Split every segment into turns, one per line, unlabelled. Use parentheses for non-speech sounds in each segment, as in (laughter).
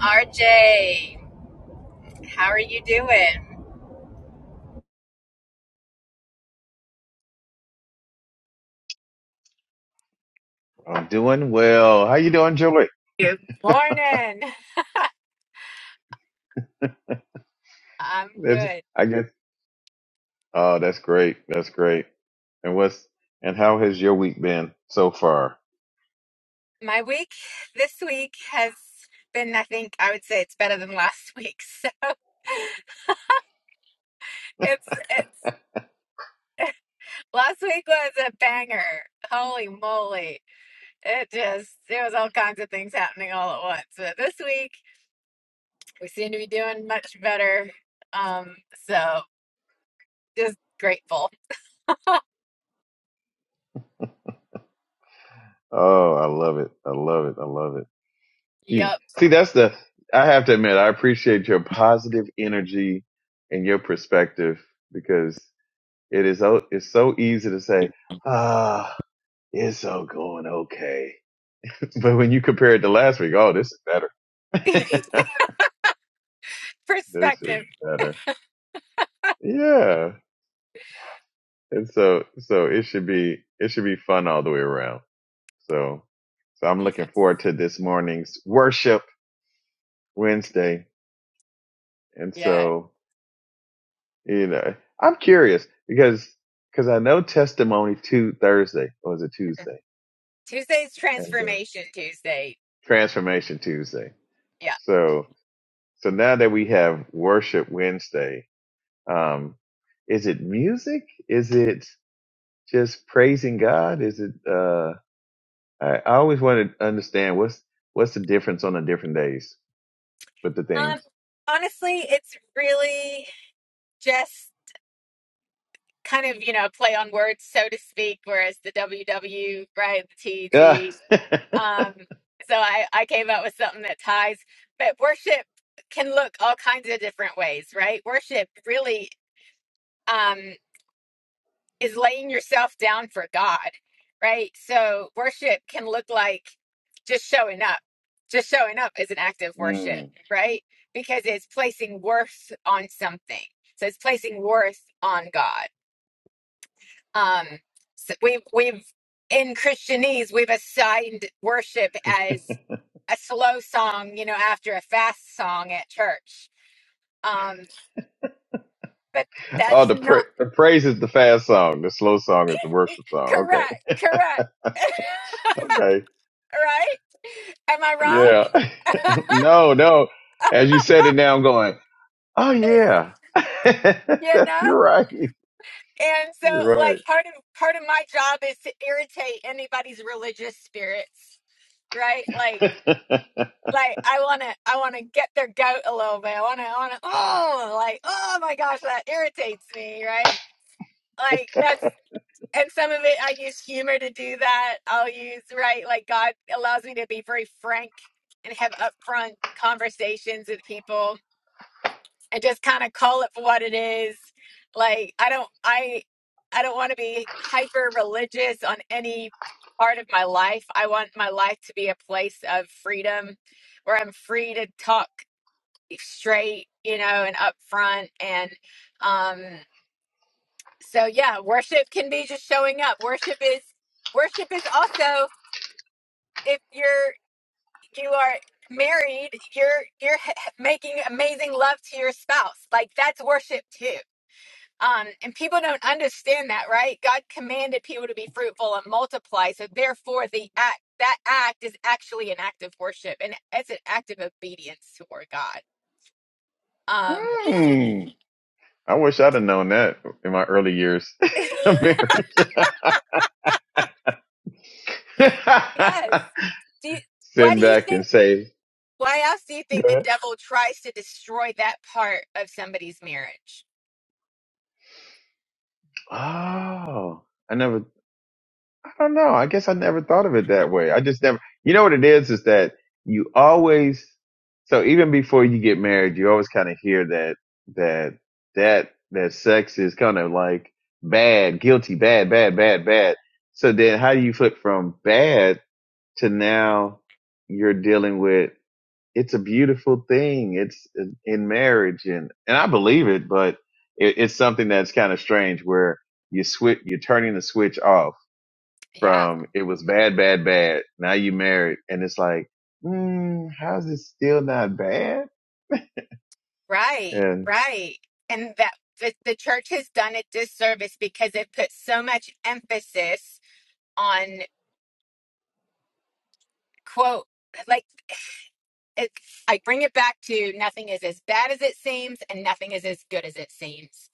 RJ, how are you doing?
I'm doing well. How you doing, Joey?
Good morning. I'm
That's,
good.
I guess. Oh, that's great. That's great. And what's and how has your week been so far?
My week this week has been, I think, I would say it's better than last week. (laughs) So it's it's last week was a banger. Holy moly. It just there was all kinds of things happening all at once. But this week we seem to be doing much better. Um, so just grateful.
Oh, I love it. I love it. I love it. You,
Yep.
see, that's the. I have to admit, I appreciate your positive energy and your perspective because it is. o- It's so easy to say, ah, it's all going okay. (laughs) But when you compare it to last week, oh, this is better. (laughs)
(laughs)
this is
Perspective.
better. Yeah. And so so it should be it should be fun all the way around. So so I'm
Yes.
looking forward to this morning's worship Wednesday. And
Yes.
so, you know, I'm curious because because I know testimony to Thursday or is it Tuesday?
Tuesday's
And then
Transformation Tuesday.
transformation Tuesday.
Yeah.
So so now that we have worship Wednesday, um is it music? Is it just praising God? Is it uh, I, I always want to understand what's what's the difference on the different days with the
Um,
themes.
honestly, it's really just kind of, you know, play on words, so to speak, whereas the W W right, the
Ah.
TET.
(laughs)
Um, so I, I came up with something that ties, but worship can look all kinds of different ways, right? Worship really. um, is laying yourself down for God, right? So worship can look like just showing up. Just showing up is an act of worship,
Mm.
right? Because it's placing worth on something. So it's placing worth on God. Um, so we've we've in Christianese we've assigned worship as a slow song, you know, after a fast song at church. Um, but
Oh,
that's
the, pra-
not
the praise is the fast song. The slow song is the worship song. Okay,
correct. Correct. (laughs)
okay,
right? Am I wrong?
yeah. (laughs) no, no. As you said it now, I'm going. Oh
(laughs)
yeah,
You
(laughs)
know?
you're right.
And so
You're
like
right.
part of part of my job is to irritate anybody's religious spirits. Right? Like like I wanna I wanna get their goat a little bit. I wanna I wanna oh like oh my gosh that irritates me, right? Like that's and some of it I use humor to do that. I'll use right, like God allows me to be very frank and have upfront conversations with people and just kind of call it for what it is. Like I don't I I don't want to be hyper religious on any part of my life. I want my life to be a place of freedom where I'm free to talk straight, you know, and upfront and um so yeah, worship can be just showing up. Worship is worship is also if you're you are married, you're you're (laughs) making amazing love to your spouse. Like that's worship too Um, and people don't understand that, right? God commanded people to be fruitful and multiply. So therefore the act that act is actually an act of worship and it's an act of obedience toward God.
(laughs)
Um
mm. I wish I'd have known that in my early years (laughs) of marriage.
yes.
(laughs)
Do you, why do
Send
you
back and
think
say,
why else do you think the devil tries to destroy that part of somebody's marriage?
Oh, I never, I don't know. I guess I never thought of it that way. I just never, you know what it is, is that you always, so even before you get married, you always kind of hear that, that, that, that sex is kind of like bad, guilty, bad, bad, bad, bad. So then how do you flip from bad to now you're dealing with it's a beautiful thing. It's in marriage, and and I believe it, but it, it's something that's kind of strange where you switch, you're turning the switch off
Yeah.
from it was bad, bad, bad. Now you married, and it's like, mm, how's it still not bad?
Right,
And
right. And that the, the church has done a disservice because it puts so much emphasis on quote like it, I bring it back to nothing is as bad as it seems and nothing is as good as it seems.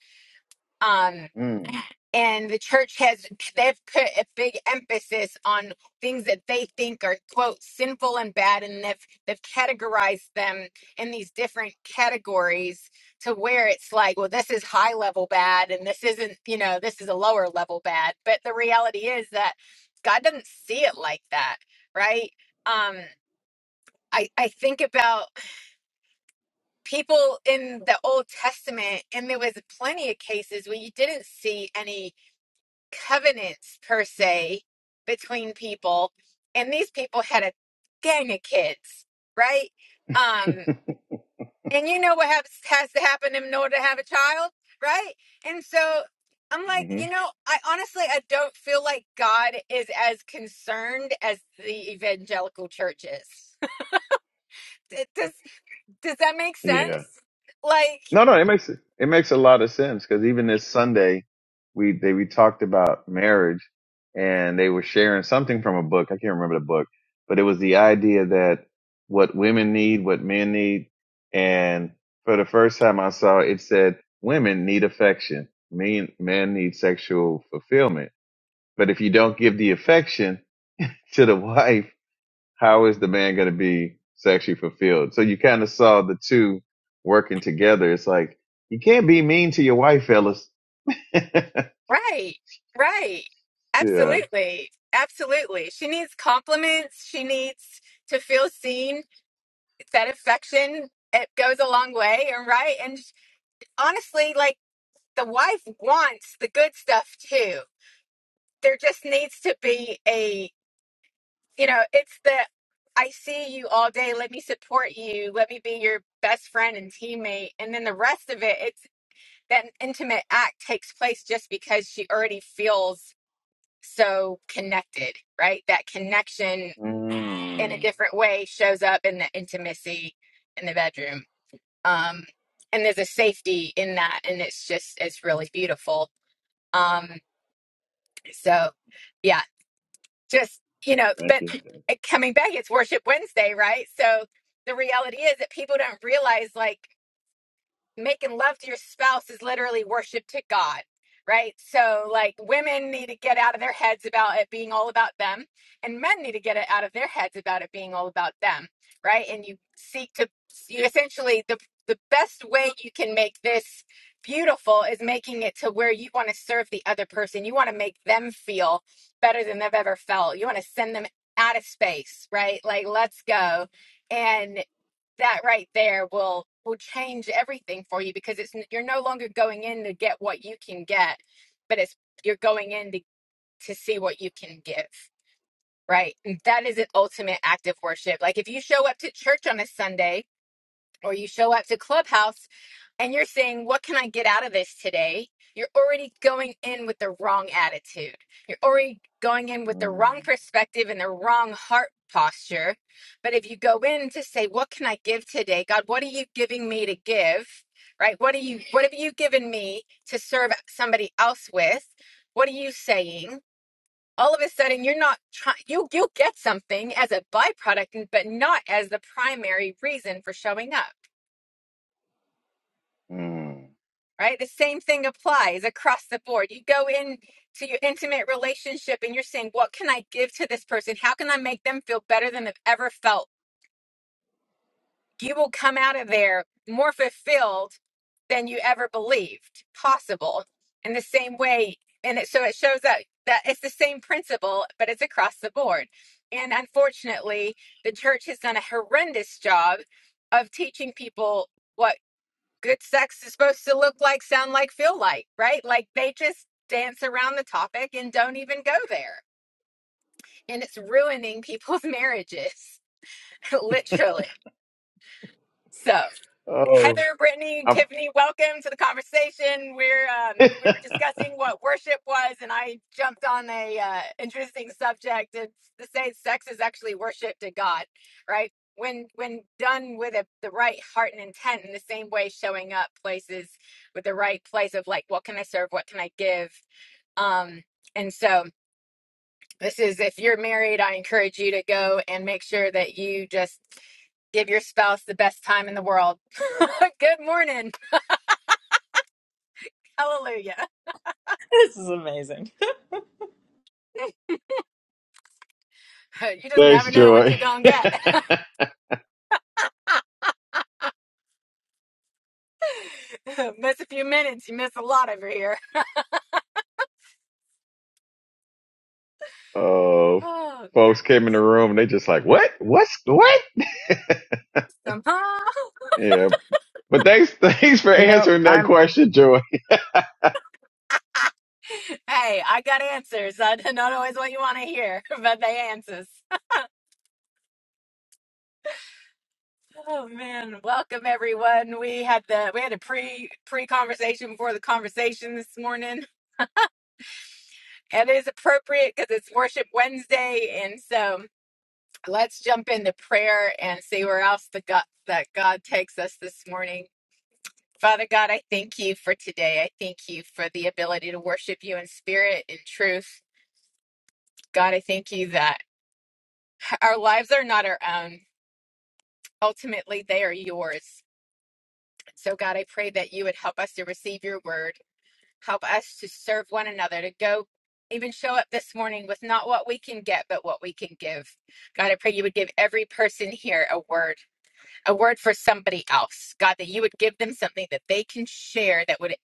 Um
mm,
and the church has they've put a big emphasis on things that they think are quote sinful and bad and they've they've categorized them in these different categories to where it's like well this is high level bad and this isn't you know this is a lower level bad but the reality is that god doesn't see it like that right um i i think about people in the old testament and there was plenty of cases where you didn't see any covenants per se between people and these people had a gang of kids right um and you know what has, has to happen in order to have a child right and so i'm
hmm
like
mm-hmm.
you know i honestly i don't feel like god is as concerned as the evangelical church is (laughs) It- does does that make
yeah.
sense like
No, no, it makes it makes a lot of sense because even this Sunday, we they we talked about marriage, and they were sharing something from a book. I can't remember the book, but it was the idea that what women need, what men need, and for the first time I saw it said women need affection, men men need sexual fulfillment. But if you don't give the affection to the (laughs) wife, how is the man going to be sexually fulfilled? So you kind of saw the two working together. It's like, you can't be mean to your wife, fellas. (laughs) yeah.
Right, right. Absolutely. Absolutely. She needs compliments. She needs to feel seen. That affection, it goes a long way. And right. And honestly, like the wife wants the good stuff too. There just needs to be a, you know, it's the I see you all day. Let me support you. Let me be your best friend and teammate. And then the rest of it, it's that intimate act takes place just because she already feels so connected, right? That connection in a
Mm,
different way shows up in the intimacy in the bedroom. Um, and there's a safety in that. And it's just, it's really beautiful. Um, so, yeah, just, you know,
thank
but
you.
coming back, it's Worship Wednesday, right? So the reality is that people don't realize, like, making love to your spouse is literally worship to God, right? So, like, women need to get out of their heads about it being all about them, and men need to get it out of their heads about it being all about them, right? And you seek to, you essentially, the, the best way you can make this beautiful is making it to where you want to serve the other person. You want to make them feel better than they've ever felt. You want to send them out of space, right? Like, let's go. And that right there will will change everything for you because it's you're no longer going in to get what you can get but it's you're going in to, to see what you can give right and that is an ultimate act of worship like if you show up to church on a sunday or you show up to Clubhouse and you're saying, What can I get out of this today? You're already going in with the wrong attitude. You're already going in with the
Mm,
wrong perspective and the wrong heart posture. But if you go in to say, What can I give today? God, what are you giving me to give? Right? What are you what have you given me to serve somebody else with? What are you saying? All of a sudden you're not trying you you get something as a byproduct but not as the primary reason for showing up
mm.
right? The same thing applies across the board. You go in to your intimate relationship and you're saying, What can I give to this person? How can I make them feel better than they've ever felt? You will come out of there more fulfilled than you ever believed possible. In the same way, and it, so it shows that that it's the same principle, but it's across the board. And unfortunately, the church has done a horrendous job of teaching people what good sex is supposed to look like, sound like, feel like, right? Like they just dance around the topic and don't even go there. And it's ruining people's marriages, (laughs)
(laughs)
literally. So.
Oh,
Heather, Brittany,
I'm...
Tiffany, welcome to the conversation. We're um,
(laughs)
we were discussing what worship was, and I jumped on a uh, interesting subject. It's to say sex is actually worship to God, right? When when done with a, the right heart and intent, in the same way, showing up places with the right place of like, what can I serve? What can I give? Um, and so this is if you're married, I encourage you to go and make sure that you just give your spouse the best time in the world. (laughs) Good morning. Hallelujah. (laughs)
(laughs) This is amazing.
You just
thanks,
never know what you're
Joy.
going
(laughs)
to get. (laughs) miss a few minutes, you miss a lot over here. (sighs)
oh,
Oh,
folks came in the room and they just like, what? What's what?
somehow. (laughs)
Yeah. But thanks, (laughs) thanks for
No,
answering
I'm
that question, Joy. (laughs)
Hey, I got answers. I (laughs) not always what you want to hear, (laughs) but they answers. (sighs) Oh man, welcome everyone. We had the we had a pre pre conversation before the conversation this morning. It is appropriate because it's Worship Wednesday, and so let's jump into prayer and see where else the God that God takes us this morning. Father God, I thank you for today. I thank you for the ability to worship you in spirit and truth. God, I thank you that our lives are not our own. Ultimately, they are yours. So, God, I pray that you would help us to receive your word, help us to serve one another, to go even show up this morning with not what we can get, but what we can give. God, I pray you would give every person here a word, a word for somebody else. God, that you would give them something that they can share that would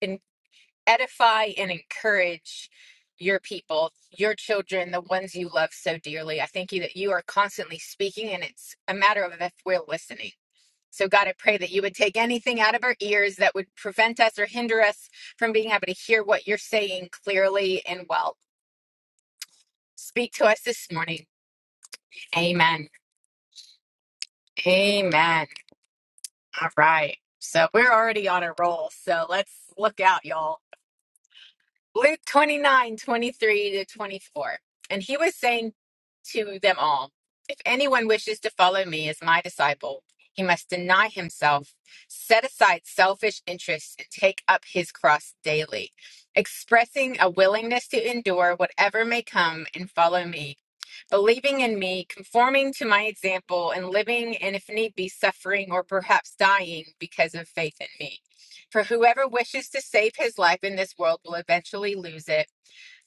edify and encourage your people, your children, the ones you love so dearly. I thank you that you are constantly speaking, and it's a matter of if we're listening. So, God, I pray that you would take anything out of our ears that would prevent us or hinder us from being able to hear what you're saying clearly and well. Speak to us this morning. Amen. Amen. All right. So, we're already on a roll. So, let's look out, y'all. Luke 29 23 to 24. And he was saying to them all, If anyone wishes to follow me as my disciple, he must deny himself, set aside selfish interests, and take up his cross daily, expressing a willingness to endure whatever may come and follow me believing in me, conforming to my example, and living, and if need be, suffering or perhaps dying because of faith in me. For whoever wishes to save his life in this world will eventually lose it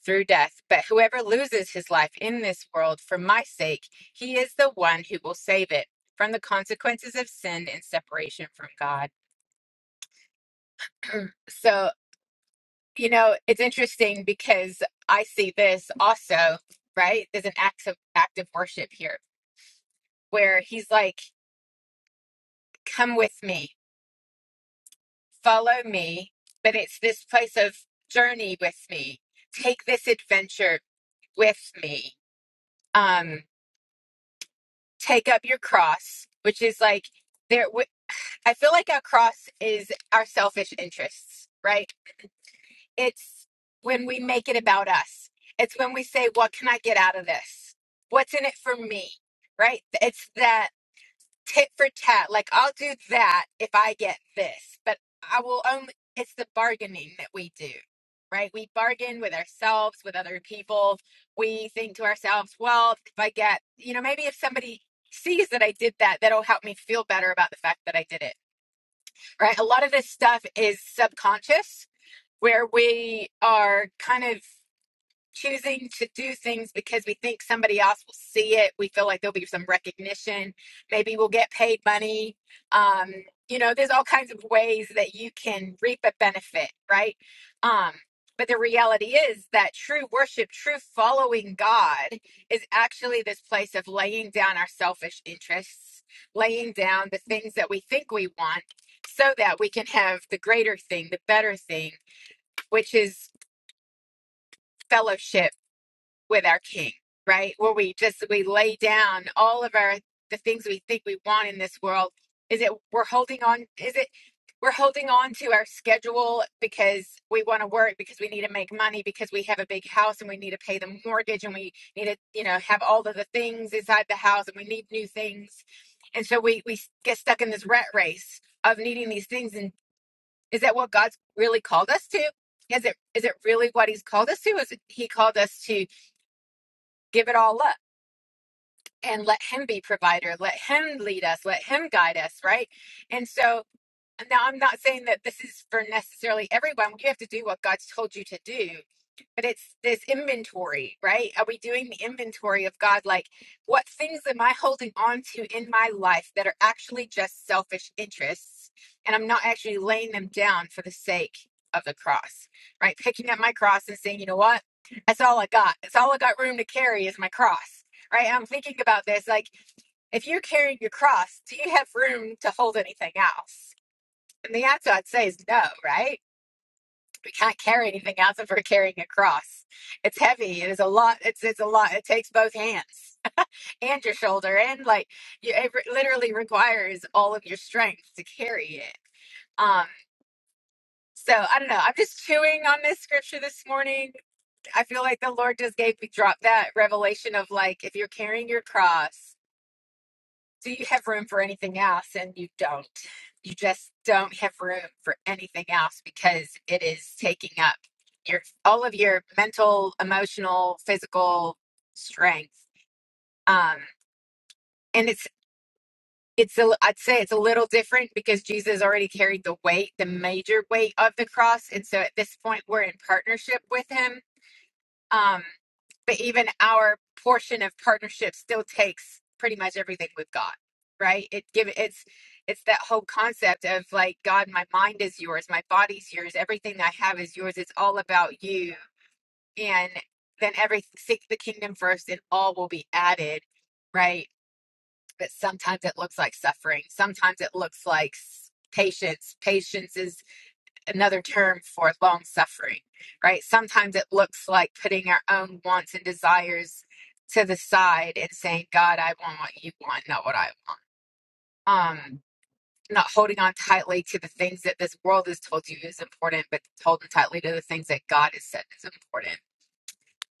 through death. But whoever loses his life in this world for my sake, he is the one who will save it from the consequences of sin and separation from God. So, you know, it's interesting because I see this also, right? There's an act of active worship here where he's like, come with me, follow me. But it's this place of journey with me. Take this adventure with me. Um, take up your cross, which is like there. w- I feel like our cross is our selfish interests, right? It's when we make it about us. It's when we say, "What can I get out of this? What's in it for me?" Right? It's that tit for tat. Like I'll do that if I get this, but I will only. It's the bargaining that we do, right? We bargain with ourselves, with other people. We think to ourselves, well, if I get, you know, maybe if somebody sees that I did that, that'll help me feel better about the fact that I did it, right? A lot of this stuff is subconscious, where we are kind of choosing to do things because we think somebody else will see it. We feel like there'll be some recognition. Maybe we'll get paid money. Um, you know, there's all kinds of ways that you can reap a benefit, right? Um, but the reality is that true worship, true following God is actually this place of laying down our selfish interests, laying down the things that we think we want so that we can have the greater thing, the better thing, which is fellowship with our king right where we just we lay down all of our the things we think we want in this world is it we're holding on is it we're holding on to our schedule because we want to work because we need to make money because we have a big house and we need to pay the mortgage and we need to you know have all of the things inside the house and we need new things and so we we get stuck in this rat race of needing these things and is that what god's really called us to is it is it really what he's called us to is it, he called us to give it all up and let him be provider let him lead us let him guide us right and so now I'm not saying that this is for necessarily everyone. You have to do what God's told you to do. But it's this inventory, right? Are we doing the inventory of God? Like, what things am I holding on to in my life that are actually just selfish interests? And I'm not actually laying them down for the sake of the cross, right? Picking up my cross and saying, you know what? That's all I got. That's all I got room to carry is my cross, right? I'm thinking about this. Like, if you're carrying your cross, do you have room to hold anything else? And the answer I'd say is no, right? We can't carry anything else if we're carrying a cross. It's heavy. It is a lot. It's it's a lot. It takes both hands (laughs) and your shoulder, and like you, it re- literally requires all of your strength to carry it. Um, so I don't know. I'm just chewing on this scripture this morning. I feel like the Lord just gave me drop that revelation of like if you're carrying your cross Do you have room for anything else? And you don't. You just don't have room for anything else because it is taking up your all of your mental, emotional, physical strength. Um, and it's it's a, I'd say it's a little different because Jesus already carried the weight, the major weight of the cross, and so at this point we're in partnership with him um, but even our portion of partnership still takes pretty much everything we've got right it give it's it's that whole concept of like god my mind is yours my body's yours everything i have is yours it's all about you and then every seek the kingdom first and all will be added right but sometimes it looks like suffering sometimes it looks like s- patience patience is another term for long suffering, right? Sometimes it looks like putting our own wants and desires to the side and saying, God, I want what you want, not what I want. Um, not holding on tightly to the things that this world has told you is important, but holding tightly to the things that God has said is important.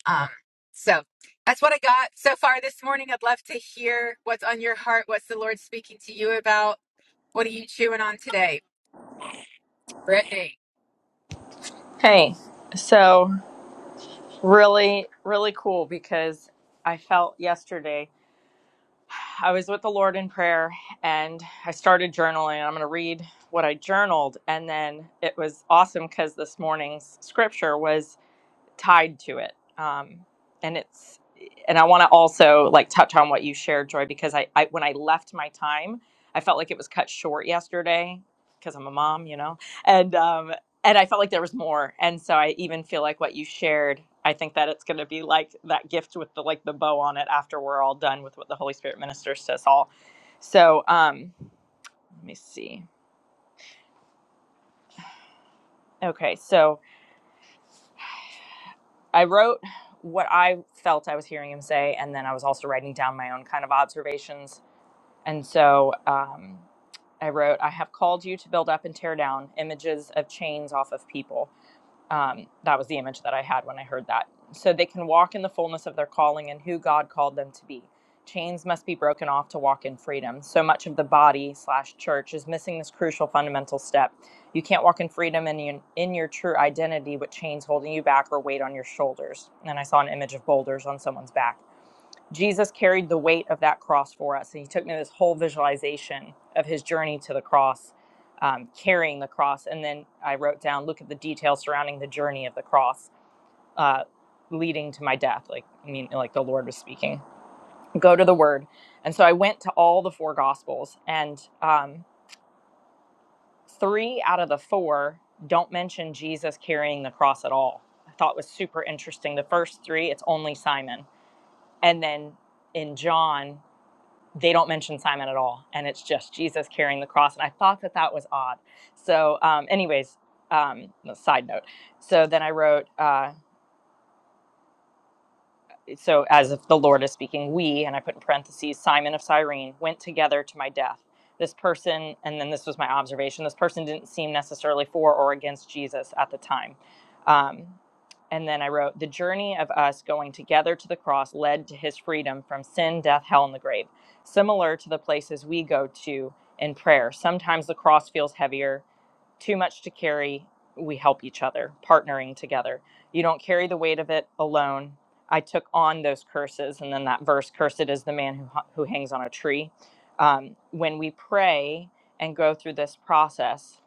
Um, so that's what I got so far this morning. I'd love to hear what's on your heart. What's the Lord speaking to you about? What are you chewing on today, Brittany?
Hey, so really, really cool because I felt yesterday I was with the Lord in prayer and I started journaling. I'm going to read what I journaled. And then it was awesome because this morning's scripture was tied to it um, and it's and i want to also like touch on what you shared joy because I, I when i left my time i felt like it was cut short yesterday because i'm a mom you know and um and i felt like there was more and so i even feel like what you shared i think that it's going to be like that gift with the like the bow on it after we're all done with what the holy spirit ministers to us all so um let me see okay so I wrote what I felt I was hearing him say, and then I was also writing down my own kind of observations. And so um, I wrote, I have called you to build up and tear down images of chains off of people. Um, that was the image that I had when I heard that. So they can walk in the fullness of their calling and who God called them to be. Chains must be broken off to walk in freedom. So much of the body slash church is missing this crucial fundamental step. You can't walk in freedom and in, in your true identity with chains holding you back or weight on your shoulders. And I saw an image of boulders on someone's back Jesus carried the weight of that cross for us, and he took me this whole visualization of his journey to the cross, um, carrying the cross. And then I wrote down, look at the details surrounding the journey of the cross, uh, leading to my death. Like I mean, like the Lord was speaking. Go to the Word, and so I went to all the four Gospels, and um, three out of the four don't mention Jesus carrying the cross at all. I thought was super interesting. The first three, it's only Simon, and then in John. they don't mention Simon at all, and it's just Jesus carrying the cross. And I thought that that was odd. So, um, anyways, um, no, side note. So then I wrote. Uh, so as if the Lord is speaking, we, and I put in parentheses, Simon of Cyrene, went together to my death. This person, and then this was my observation, this person didn't seem necessarily for or against Jesus at the time. Um, and then I wrote, the journey of us going together to the cross led to his freedom from sin, death, hell, and the grave, similar to the places we go to in prayer. Sometimes the cross feels heavier, too much to carry, we help each other, partnering together. You don't carry the weight of it alone. I took on those curses, and then that verse, "Cursed is the man who who hangs on a tree." Um, when we pray and go through this process,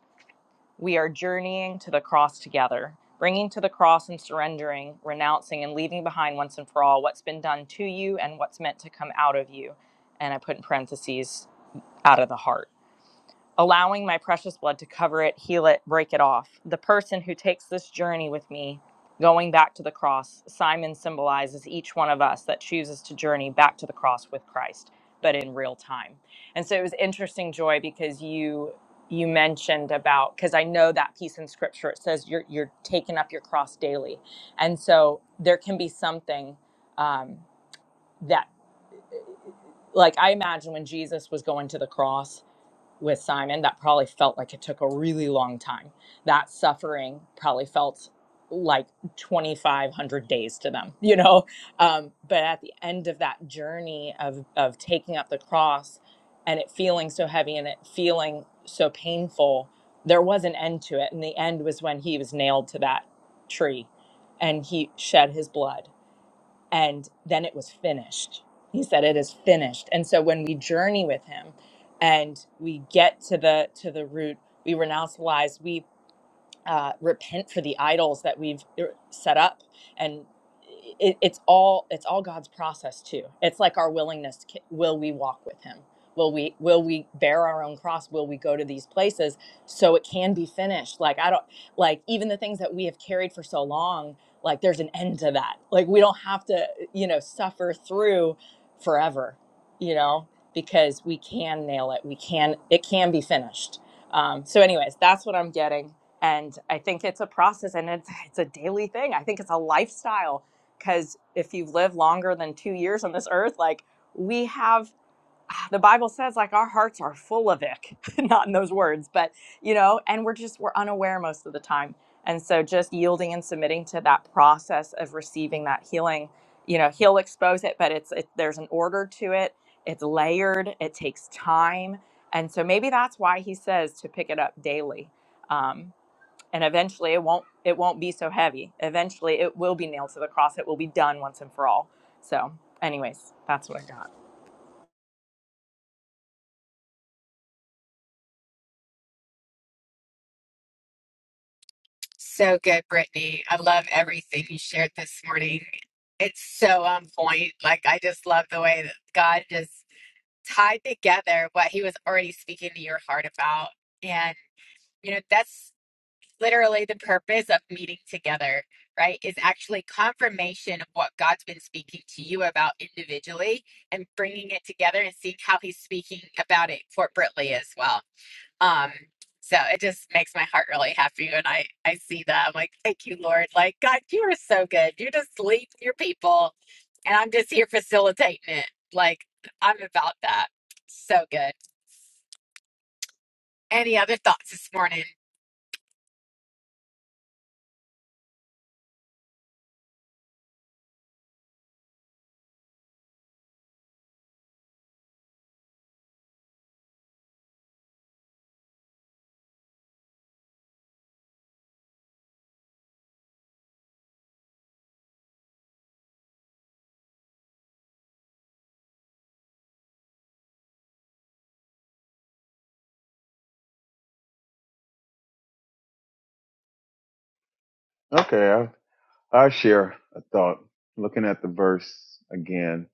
we are journeying to the cross together, bringing to the cross and surrendering, renouncing, and leaving behind once and for all what's been done to you and what's meant to come out of you. And I put in parentheses, out of the heart allowing my precious blood to cover it, heal it, break it off. The person who takes this journey with me, going back to the cross, Simon symbolizes each one of us that chooses to journey back to the cross with Christ, but in real time. And so it was interesting, Joy, because you you mentioned about because I know that piece in scripture it says you're you're taking up your cross daily, and so there can be something um, that like I imagine when Jesus was going to the cross with Simon that probably felt like it took a really long time. That suffering probably felt like 2500 days to them you know um, but at the end of that journey of of taking up the cross and it feeling so heavy and it feeling so painful there was an end to it and the end was when he was nailed to that tree and he shed his blood and then it was finished. He said it is finished. And so when we journey with him and we get to the to the root, we renounce lies, We uh, repent for the idols that we've er, set up and it, it's all it's all god's process too it's like our willingness will we walk with him will we will we bear our own cross will we go to these places so it can be finished like i don't like even the things that we have carried for so long like there's an end to that like we don't have to you know suffer through forever you know because we can nail it we can it can be finished um, so anyways that's what i'm getting and i think it's a process and it's, (laughs) it's a daily thing i think it's a lifestyle because if you live longer than two years on this earth like we have (sighs) the bible says like our hearts are full of ick (laughs) not in those words but you know and we're just we're unaware most of the time and so just yielding and submitting to that process of receiving that healing you know he'll expose it but it's it, there's an order to it it's layered it takes time and so maybe that's why he says to pick it up daily Um, and eventually it won't it won't be so heavy eventually it will be nailed to the cross it will be done once and for all so anyways that's what i got
So good, Brittany. I love everything you shared this morning. It's so on point. Like, I just love the way that God just tied together what he was already speaking to your heart about. And, you know, that's literally the purpose of meeting together, right? Is actually confirmation of what God's been speaking to you about individually and bringing it together and seeing how he's speaking about it corporately as well. Um, so it just makes my heart really happy when I I see that. I'm like, thank you, Lord. Like, God, you are so good. you just lead your people, and I'm just here facilitating it. Like, I'm about that. So good. Any other thoughts this morning?
Okay. I, I share a thought looking at the verse again.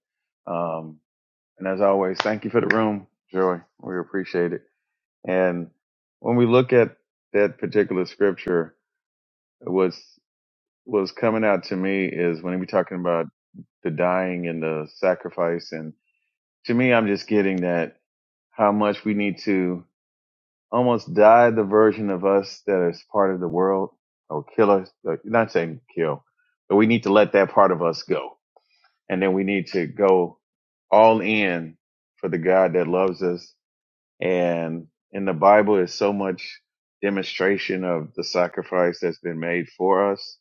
Um, and as always, thank you for the room, Joy. We appreciate it. And when we look at that particular scripture, what's what's coming out to me is when we're talking about the dying and the sacrifice. And to me, I'm just getting that how much we need to almost die the version of us that is part of the world or kill us. Like, Not saying kill, but we need to let that part of us go And then we need to go all in for the God that loves us. And in the Bible is so much demonstration of the sacrifice that's been made for us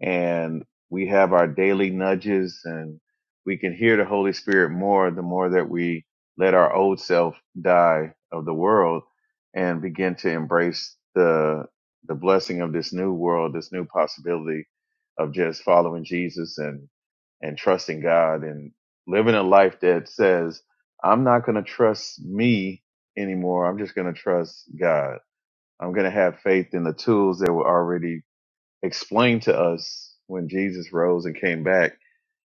and we have our daily nudges and we can hear the Holy Spirit more the more that we let our old self die of the world and begin to embrace the the blessing of this new world, this new possibility of just following Jesus and and trusting God and living a life that says, I'm not gonna trust me anymore. I'm just gonna trust God. I'm gonna have faith in the tools that were already explained to us when Jesus rose and came back.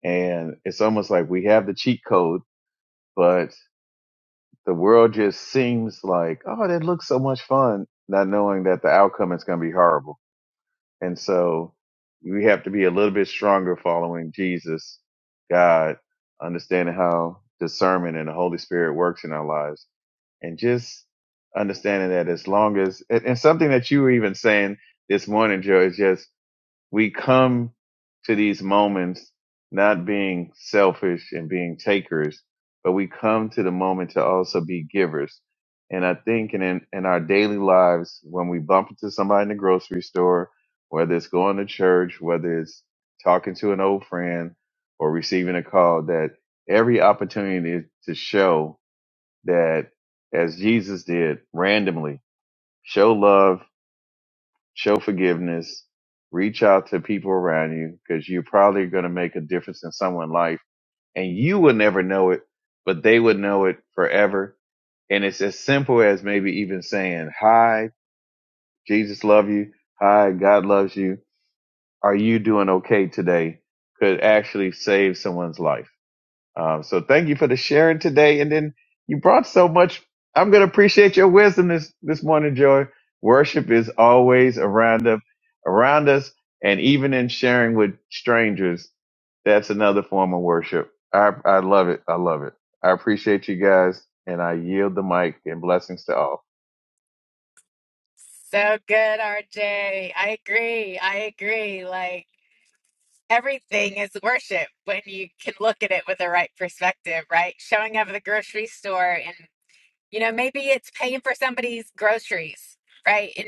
And it's almost like we have the cheat code, but the world just seems like, oh, that looks so much fun, not knowing that the outcome is going to be horrible. And so we have to be a little bit stronger following Jesus, God, understanding how discernment and the Holy Spirit works in our lives and just understanding that as long as, and, and something that you were even saying this morning, Joe, is just we come to these moments not being selfish and being takers, but we come to the moment to also be givers. And I think in, in, in our daily lives, when we bump into somebody in the grocery store, whether it's going to church, whether it's talking to an old friend or receiving a call, that every opportunity to show that as Jesus did randomly, show love show forgiveness, reach out to people around you because you're probably going to make a difference in someone's life and you will never know it, but they would know it forever. And it's as simple as maybe even saying, hi, Jesus love you. Hi, God loves you. Are you doing okay today? Could actually save someone's life. Um, so thank you for the sharing today. And then you brought so much. I'm going to appreciate your wisdom this, this morning, Joy. Worship is always around us, around us. And even in sharing with strangers, that's another form of worship. I, I love it. I love it. I appreciate you guys and I yield the mic and blessings to all.
So good, RJ. I agree. I agree. Like everything is worship when you can look at it with the right perspective, right? Showing up at the grocery store and you know, maybe it's paying for somebody's groceries right?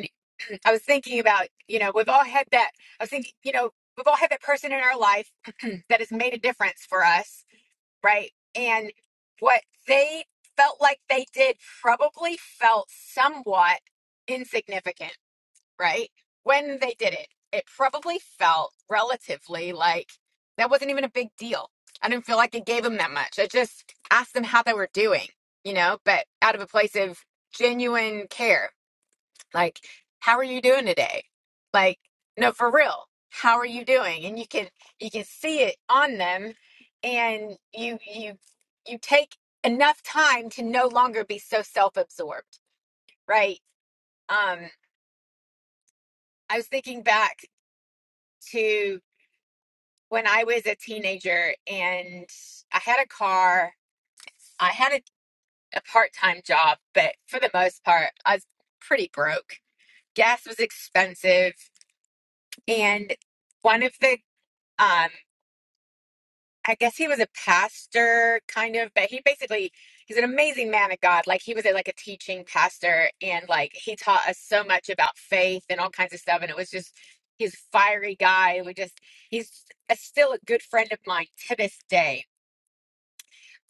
I was thinking about, you know, we've all had that. I was thinking, you know, we've all had that person in our life (clears throat) that has made a difference for us, right? And what they felt like they did probably felt somewhat insignificant, right? When they did it, it probably felt relatively like that wasn't even a big deal. I didn't feel like it gave them that much. I just asked them how they were doing, you know, but out of a place of genuine care like, how are you doing today? Like, no, for real. How are you doing? And you can you can see it on them and you you you take enough time to no longer be so self-absorbed, right? Um, I was thinking back to when I was a teenager and I had a car, I had a, a part-time job, but for the most part, I was pretty broke. Gas was expensive, and one of the um, I guess he was a pastor, kind of, but he basically he's an amazing man of God. Like he was a, like a teaching pastor, and like he taught us so much about faith and all kinds of stuff. And it was just he's a fiery guy. We just he's a, still a good friend of mine to this day.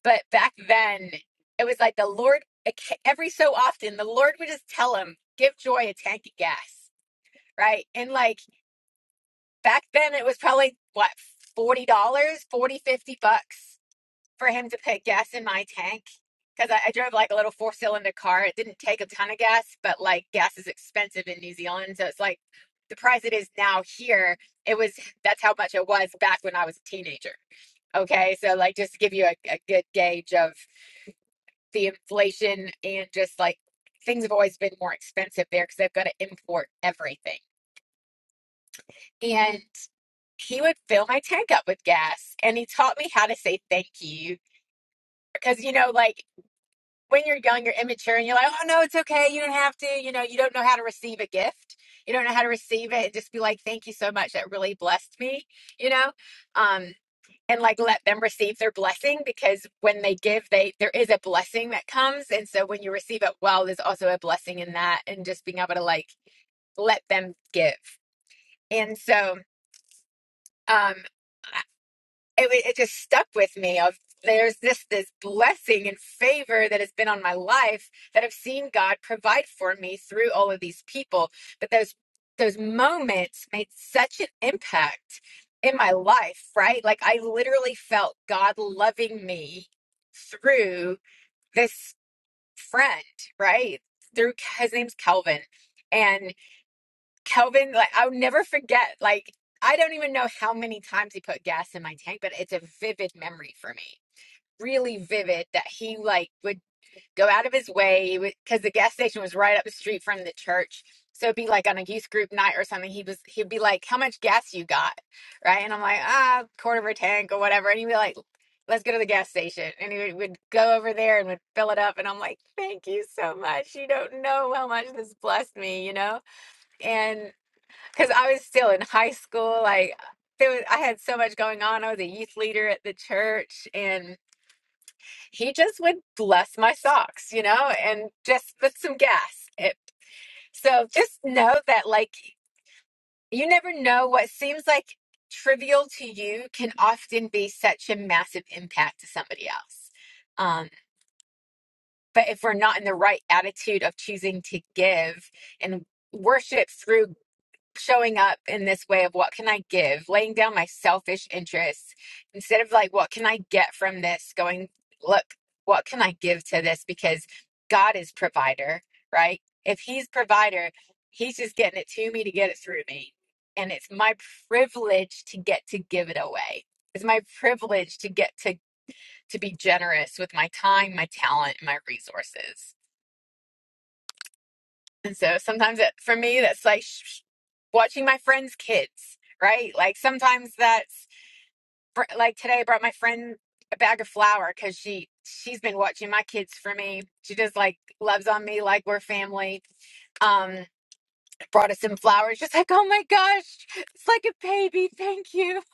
But back then, it was like the Lord every so often the Lord would just tell him, "Give Joy a tank of gas," right? And like back then, it was probably what forty dollars, 40 50 bucks for him to put gas in my tank because I, I drove like a little four cylinder car. It didn't take a ton of gas, but like gas is expensive in New Zealand. So it's like the price it is now here, it was that's how much it was back when I was a teenager. Okay. So, like, just to give you a, a good gauge of the inflation and just like things have always been more expensive there because they've got to import everything. And he would fill my tank up with gas and he taught me how to say thank you because, you know, like when you're young, you're immature and you're like, oh no, it's okay. You don't have to, you know, you don't know how to receive a gift. You don't know how to receive it and just be like, thank you so much. That really blessed me, you know? Um, and like let them receive their blessing because when they give, they there is a blessing that comes. And so when you receive it well, there's also a blessing in that and just being able to like let them give. And so um it, wa- it just stuck with me of there's this this blessing and favor that has been on my life that I've seen God provide for me through all of these people but those those moments made such an impact in my life right like I literally felt God loving me through this friend right through his name's Calvin And Kelvin, like I'll never forget, like I don't even know how many times he put gas in my tank, but it's a vivid memory for me. Really vivid that he like would go out of his way because the gas station was right up the street from the church. So it'd be like on a youth group night or something. He was he'd be like, "How much gas you got?" Right, and I'm like, "Ah, quarter of a tank or whatever." And he'd be like, "Let's go to the gas station." And he would, would go over there and would fill it up. And I'm like, "Thank you so much. You don't know how much this blessed me," you know. and because I was still in high school. Like there was, I had so much going on. I was a youth leader at the church, and he just would bless my socks, you know, and just put some gas. It, so just know that, like, you never know what seems like trivial to you can often be such a massive impact to somebody else. Um, but if we're not in the right attitude of choosing to give and worship through showing up in this way of what can I give, laying down my selfish interests instead of like, what can I get from this? Going, look, what can I give to this? Because God is provider, right? If He's provider, He's just getting it to me to get it through me. And it's my privilege to get to give it away. It's my privilege to get to to be generous with my time, my talent, and my resources. And so sometimes it, for me, that's like sh- sh- watching my friends' kids, right? Like sometimes that's fr- like today I brought my friend a bag of flour because she she's been watching my kids for me. She just like loves on me like we're family. Um, brought us some flowers, just like oh my gosh, it's like a baby. Thank you. (laughs)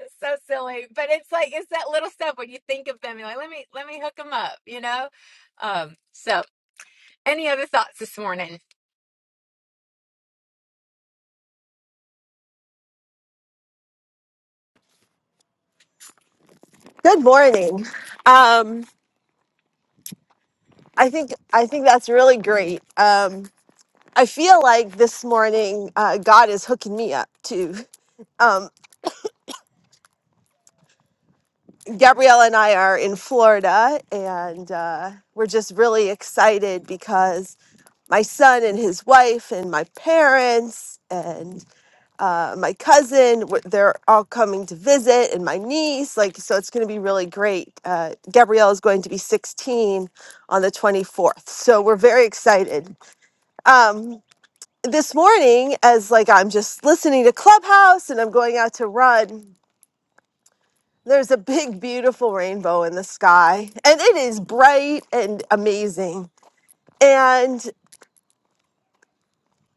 It's so silly, but it's like it's that little stuff when you think of them. You're like let me let me hook them up, you know. Um, so any other thoughts this morning?
Good morning. Um, I think I think that's really great. Um, I feel like this morning uh, God is hooking me up too. Um, Gabriella and I are in Florida, and uh, we're just really excited because my son and his wife and my parents and. uh, my cousin. w- They're all coming to visit, and my niece. Like, so it's going to be really great. Uh, Gabrielle is going to be 16 on the 24th, so we're very excited. Um, this morning, as like I'm just listening to Clubhouse and I'm going out to run. There's a big, beautiful rainbow in the sky, and it is bright and amazing. And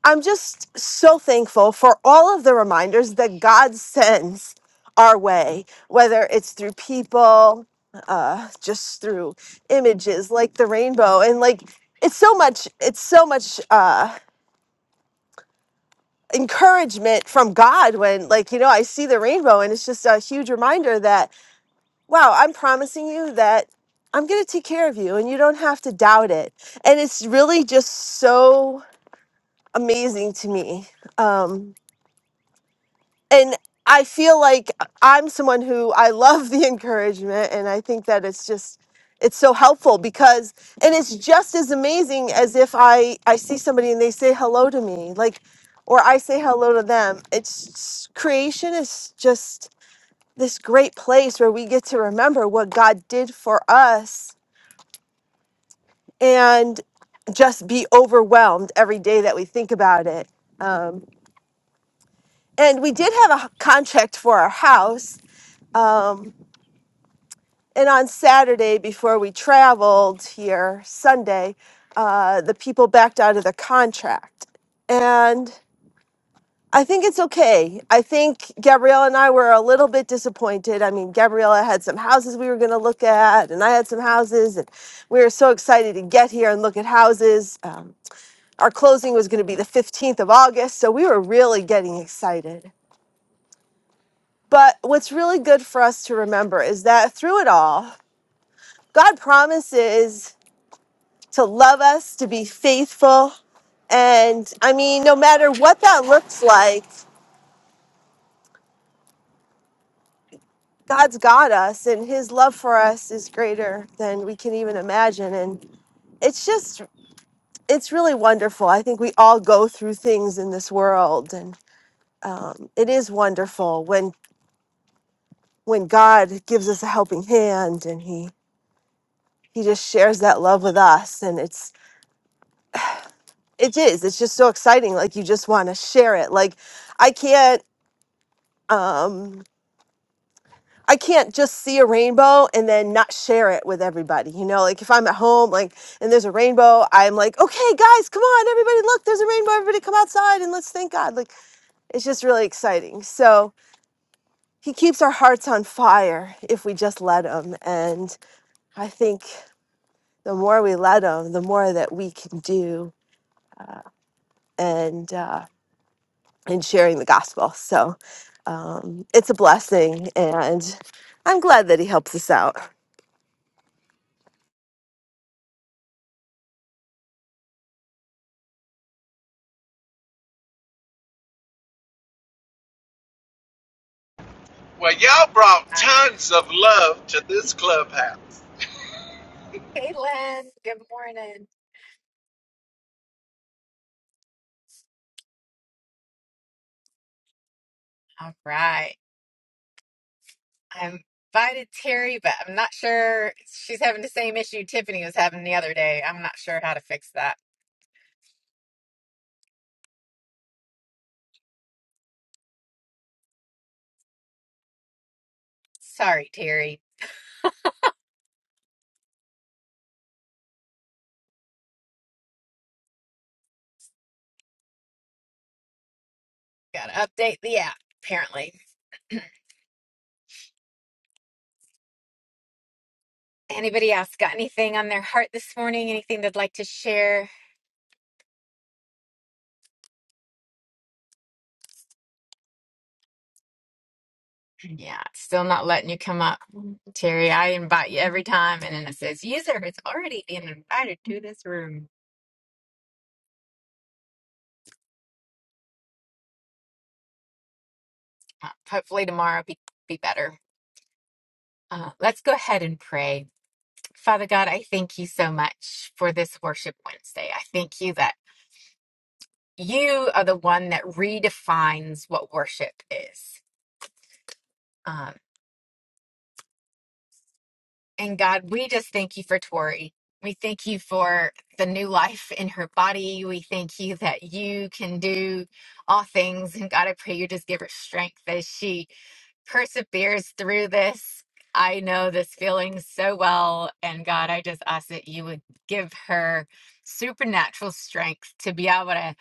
I'm just so thankful for all of the reminders that God sends our way, whether it's through people, uh, just through images like the rainbow. And like, it's so much, it's so much uh, encouragement from God when, like, you know, I see the rainbow and it's just a huge reminder that, wow, I'm promising you that. I'm going to take care of you and you don't have to doubt it. And it's really just so amazing to me. Um, and I feel like I'm someone who I love the (laughs) encouragement, and I think that it's just it's so helpful because and it's just as amazing as if I I see somebody and they say hello to me, like or I say hello to them. It's creation is just this great place where we get to remember what God did for us and just be overwhelmed every day that we think about it. Um, and we did have a h- contract for our house. Um, And on Saturday, before we traveled here, Sunday, uh, the people backed out of the contract. And I think it's okay. I think Gabriella and I were a little bit disappointed. I mean, Gabriella had some houses we were going to look at, and I had some houses, and we were so excited to get here and look at houses. Um, our closing was going to be the 15th of August, so we were really getting excited. But what's really good for us to remember is that through it all, God promises to love us, to be faithful. And I mean, no matter what that looks like, God's got us, and His love for us is greater than we can even imagine. And it's just, it's really wonderful. I think we all go through things in this world, and um, it is wonderful when when God gives us a helping hand, and He He just shares that love with us, and it's it is it's just so exciting. Like you just want to share it. Like I can't. Um, I can't just see a rainbow and then not share it with everybody. You know, like if I'm at home, like, and there's a rainbow, I'm like, okay, guys, come on, everybody, look, there's a rainbow. Everybody come outside and let's thank God. Like, it's just really exciting. So he keeps our hearts on fire if we just let him. And I think the more we let him, the more that we can do and, uh, and sharing the gospel. So um, it's a blessing. And I'm glad that he helps us out.
Well, y'all brought tons of love to this clubhouse.
Hey, Len. Good morning. All right. I invited Terry, but I'm not sure she's having the same issue Tiffany was having the other day. I'm not sure how to fix that. Sorry, Terry. Got to update the app, apparently. Anybody else got anything on their heart this morning? Anything they'd like to share? Yeah, it's still not letting you come up. Terry, I invite you every time, and then it says, user is already being invited to this room. Uh, Hopefully tomorrow be, be better. Uh, let's go ahead and pray. Father God, I thank you so much for this Worship Wednesday. I thank you that you are the one that redefines what worship is. Um, and God, we just thank you for Tori. We thank you for the new life in her body. We thank you that you can do all things. And God, I pray you just give her strength as she perseveres through this. I know this feeling so well. And God, I just ask that you would give her supernatural strength to be able to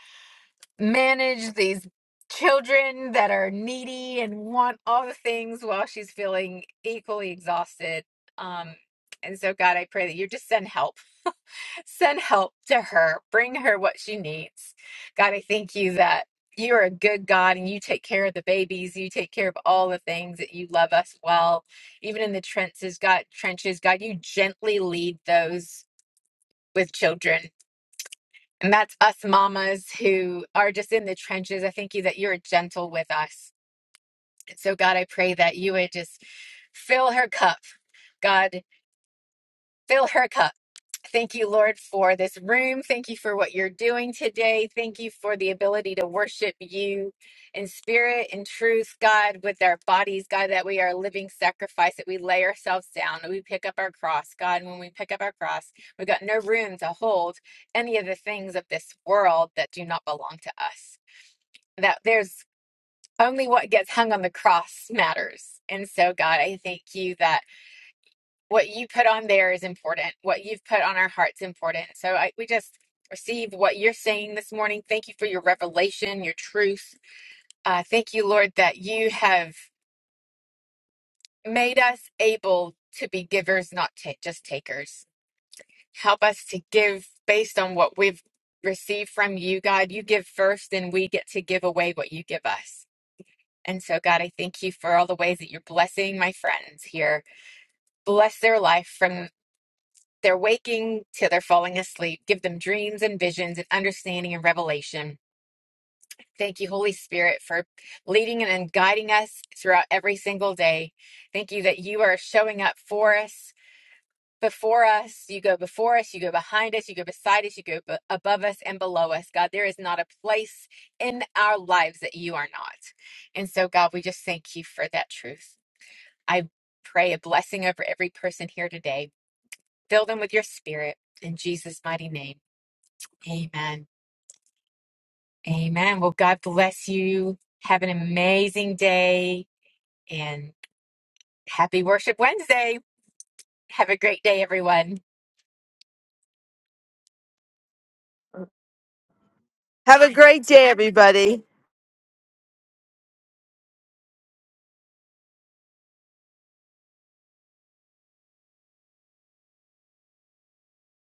manage these children that are needy and want all the things while she's feeling equally exhausted. Um, and so, God, I pray that you just send help Send help to her. Bring her what she needs. God, I thank you that you are a good God and you take care of the babies. You take care of all the things that you love us well. Even in the trenches, God, trenches, God, you gently lead those with children. And that's us mamas who are just in the trenches. I thank you that you're gentle with us. And So, God, I pray that you would just fill her cup. God, fill her cup Thank you, Lord, for this room. Thank you for what you're doing today. Thank you for the ability to worship you in spirit and truth, God, with our bodies, God, that we are a living sacrifice, that we lay ourselves down, that we pick up our cross, God. And when we pick up our cross, we've got no room to hold any of the things of this world that do not belong to us. That there's only what gets hung on the cross matters. And so, God, I thank you that what you put on there is important. What you've put on our hearts important. So I, we just receive what you're saying this morning. Thank you for your revelation, your truth. Uh, thank you, Lord, that you have made us able to be givers, not ta- just takers. Help us to give based on what we've received from you, God. You give first, and we get to give away what you give us. And so, God, I thank you for all the ways that you're blessing my friends here. Bless their life from They're waking till they're falling asleep. Give them dreams and visions and understanding and revelation. Thank you, Holy Spirit, for leading and guiding us throughout every single day. Thank you that you are showing up for us, before us. You go before us, you go behind us, you go beside us, you go b- above us and below us. God, there is not a place in our lives that you are not. And so, God, we just thank you for that truth. I pray a blessing over every person here today. Fill them with your spirit in Jesus' mighty name. Amen. Amen. Well, God bless you. Have an amazing day and happy Worship Wednesday. Have a great day, everyone.
Have a great day, everybody.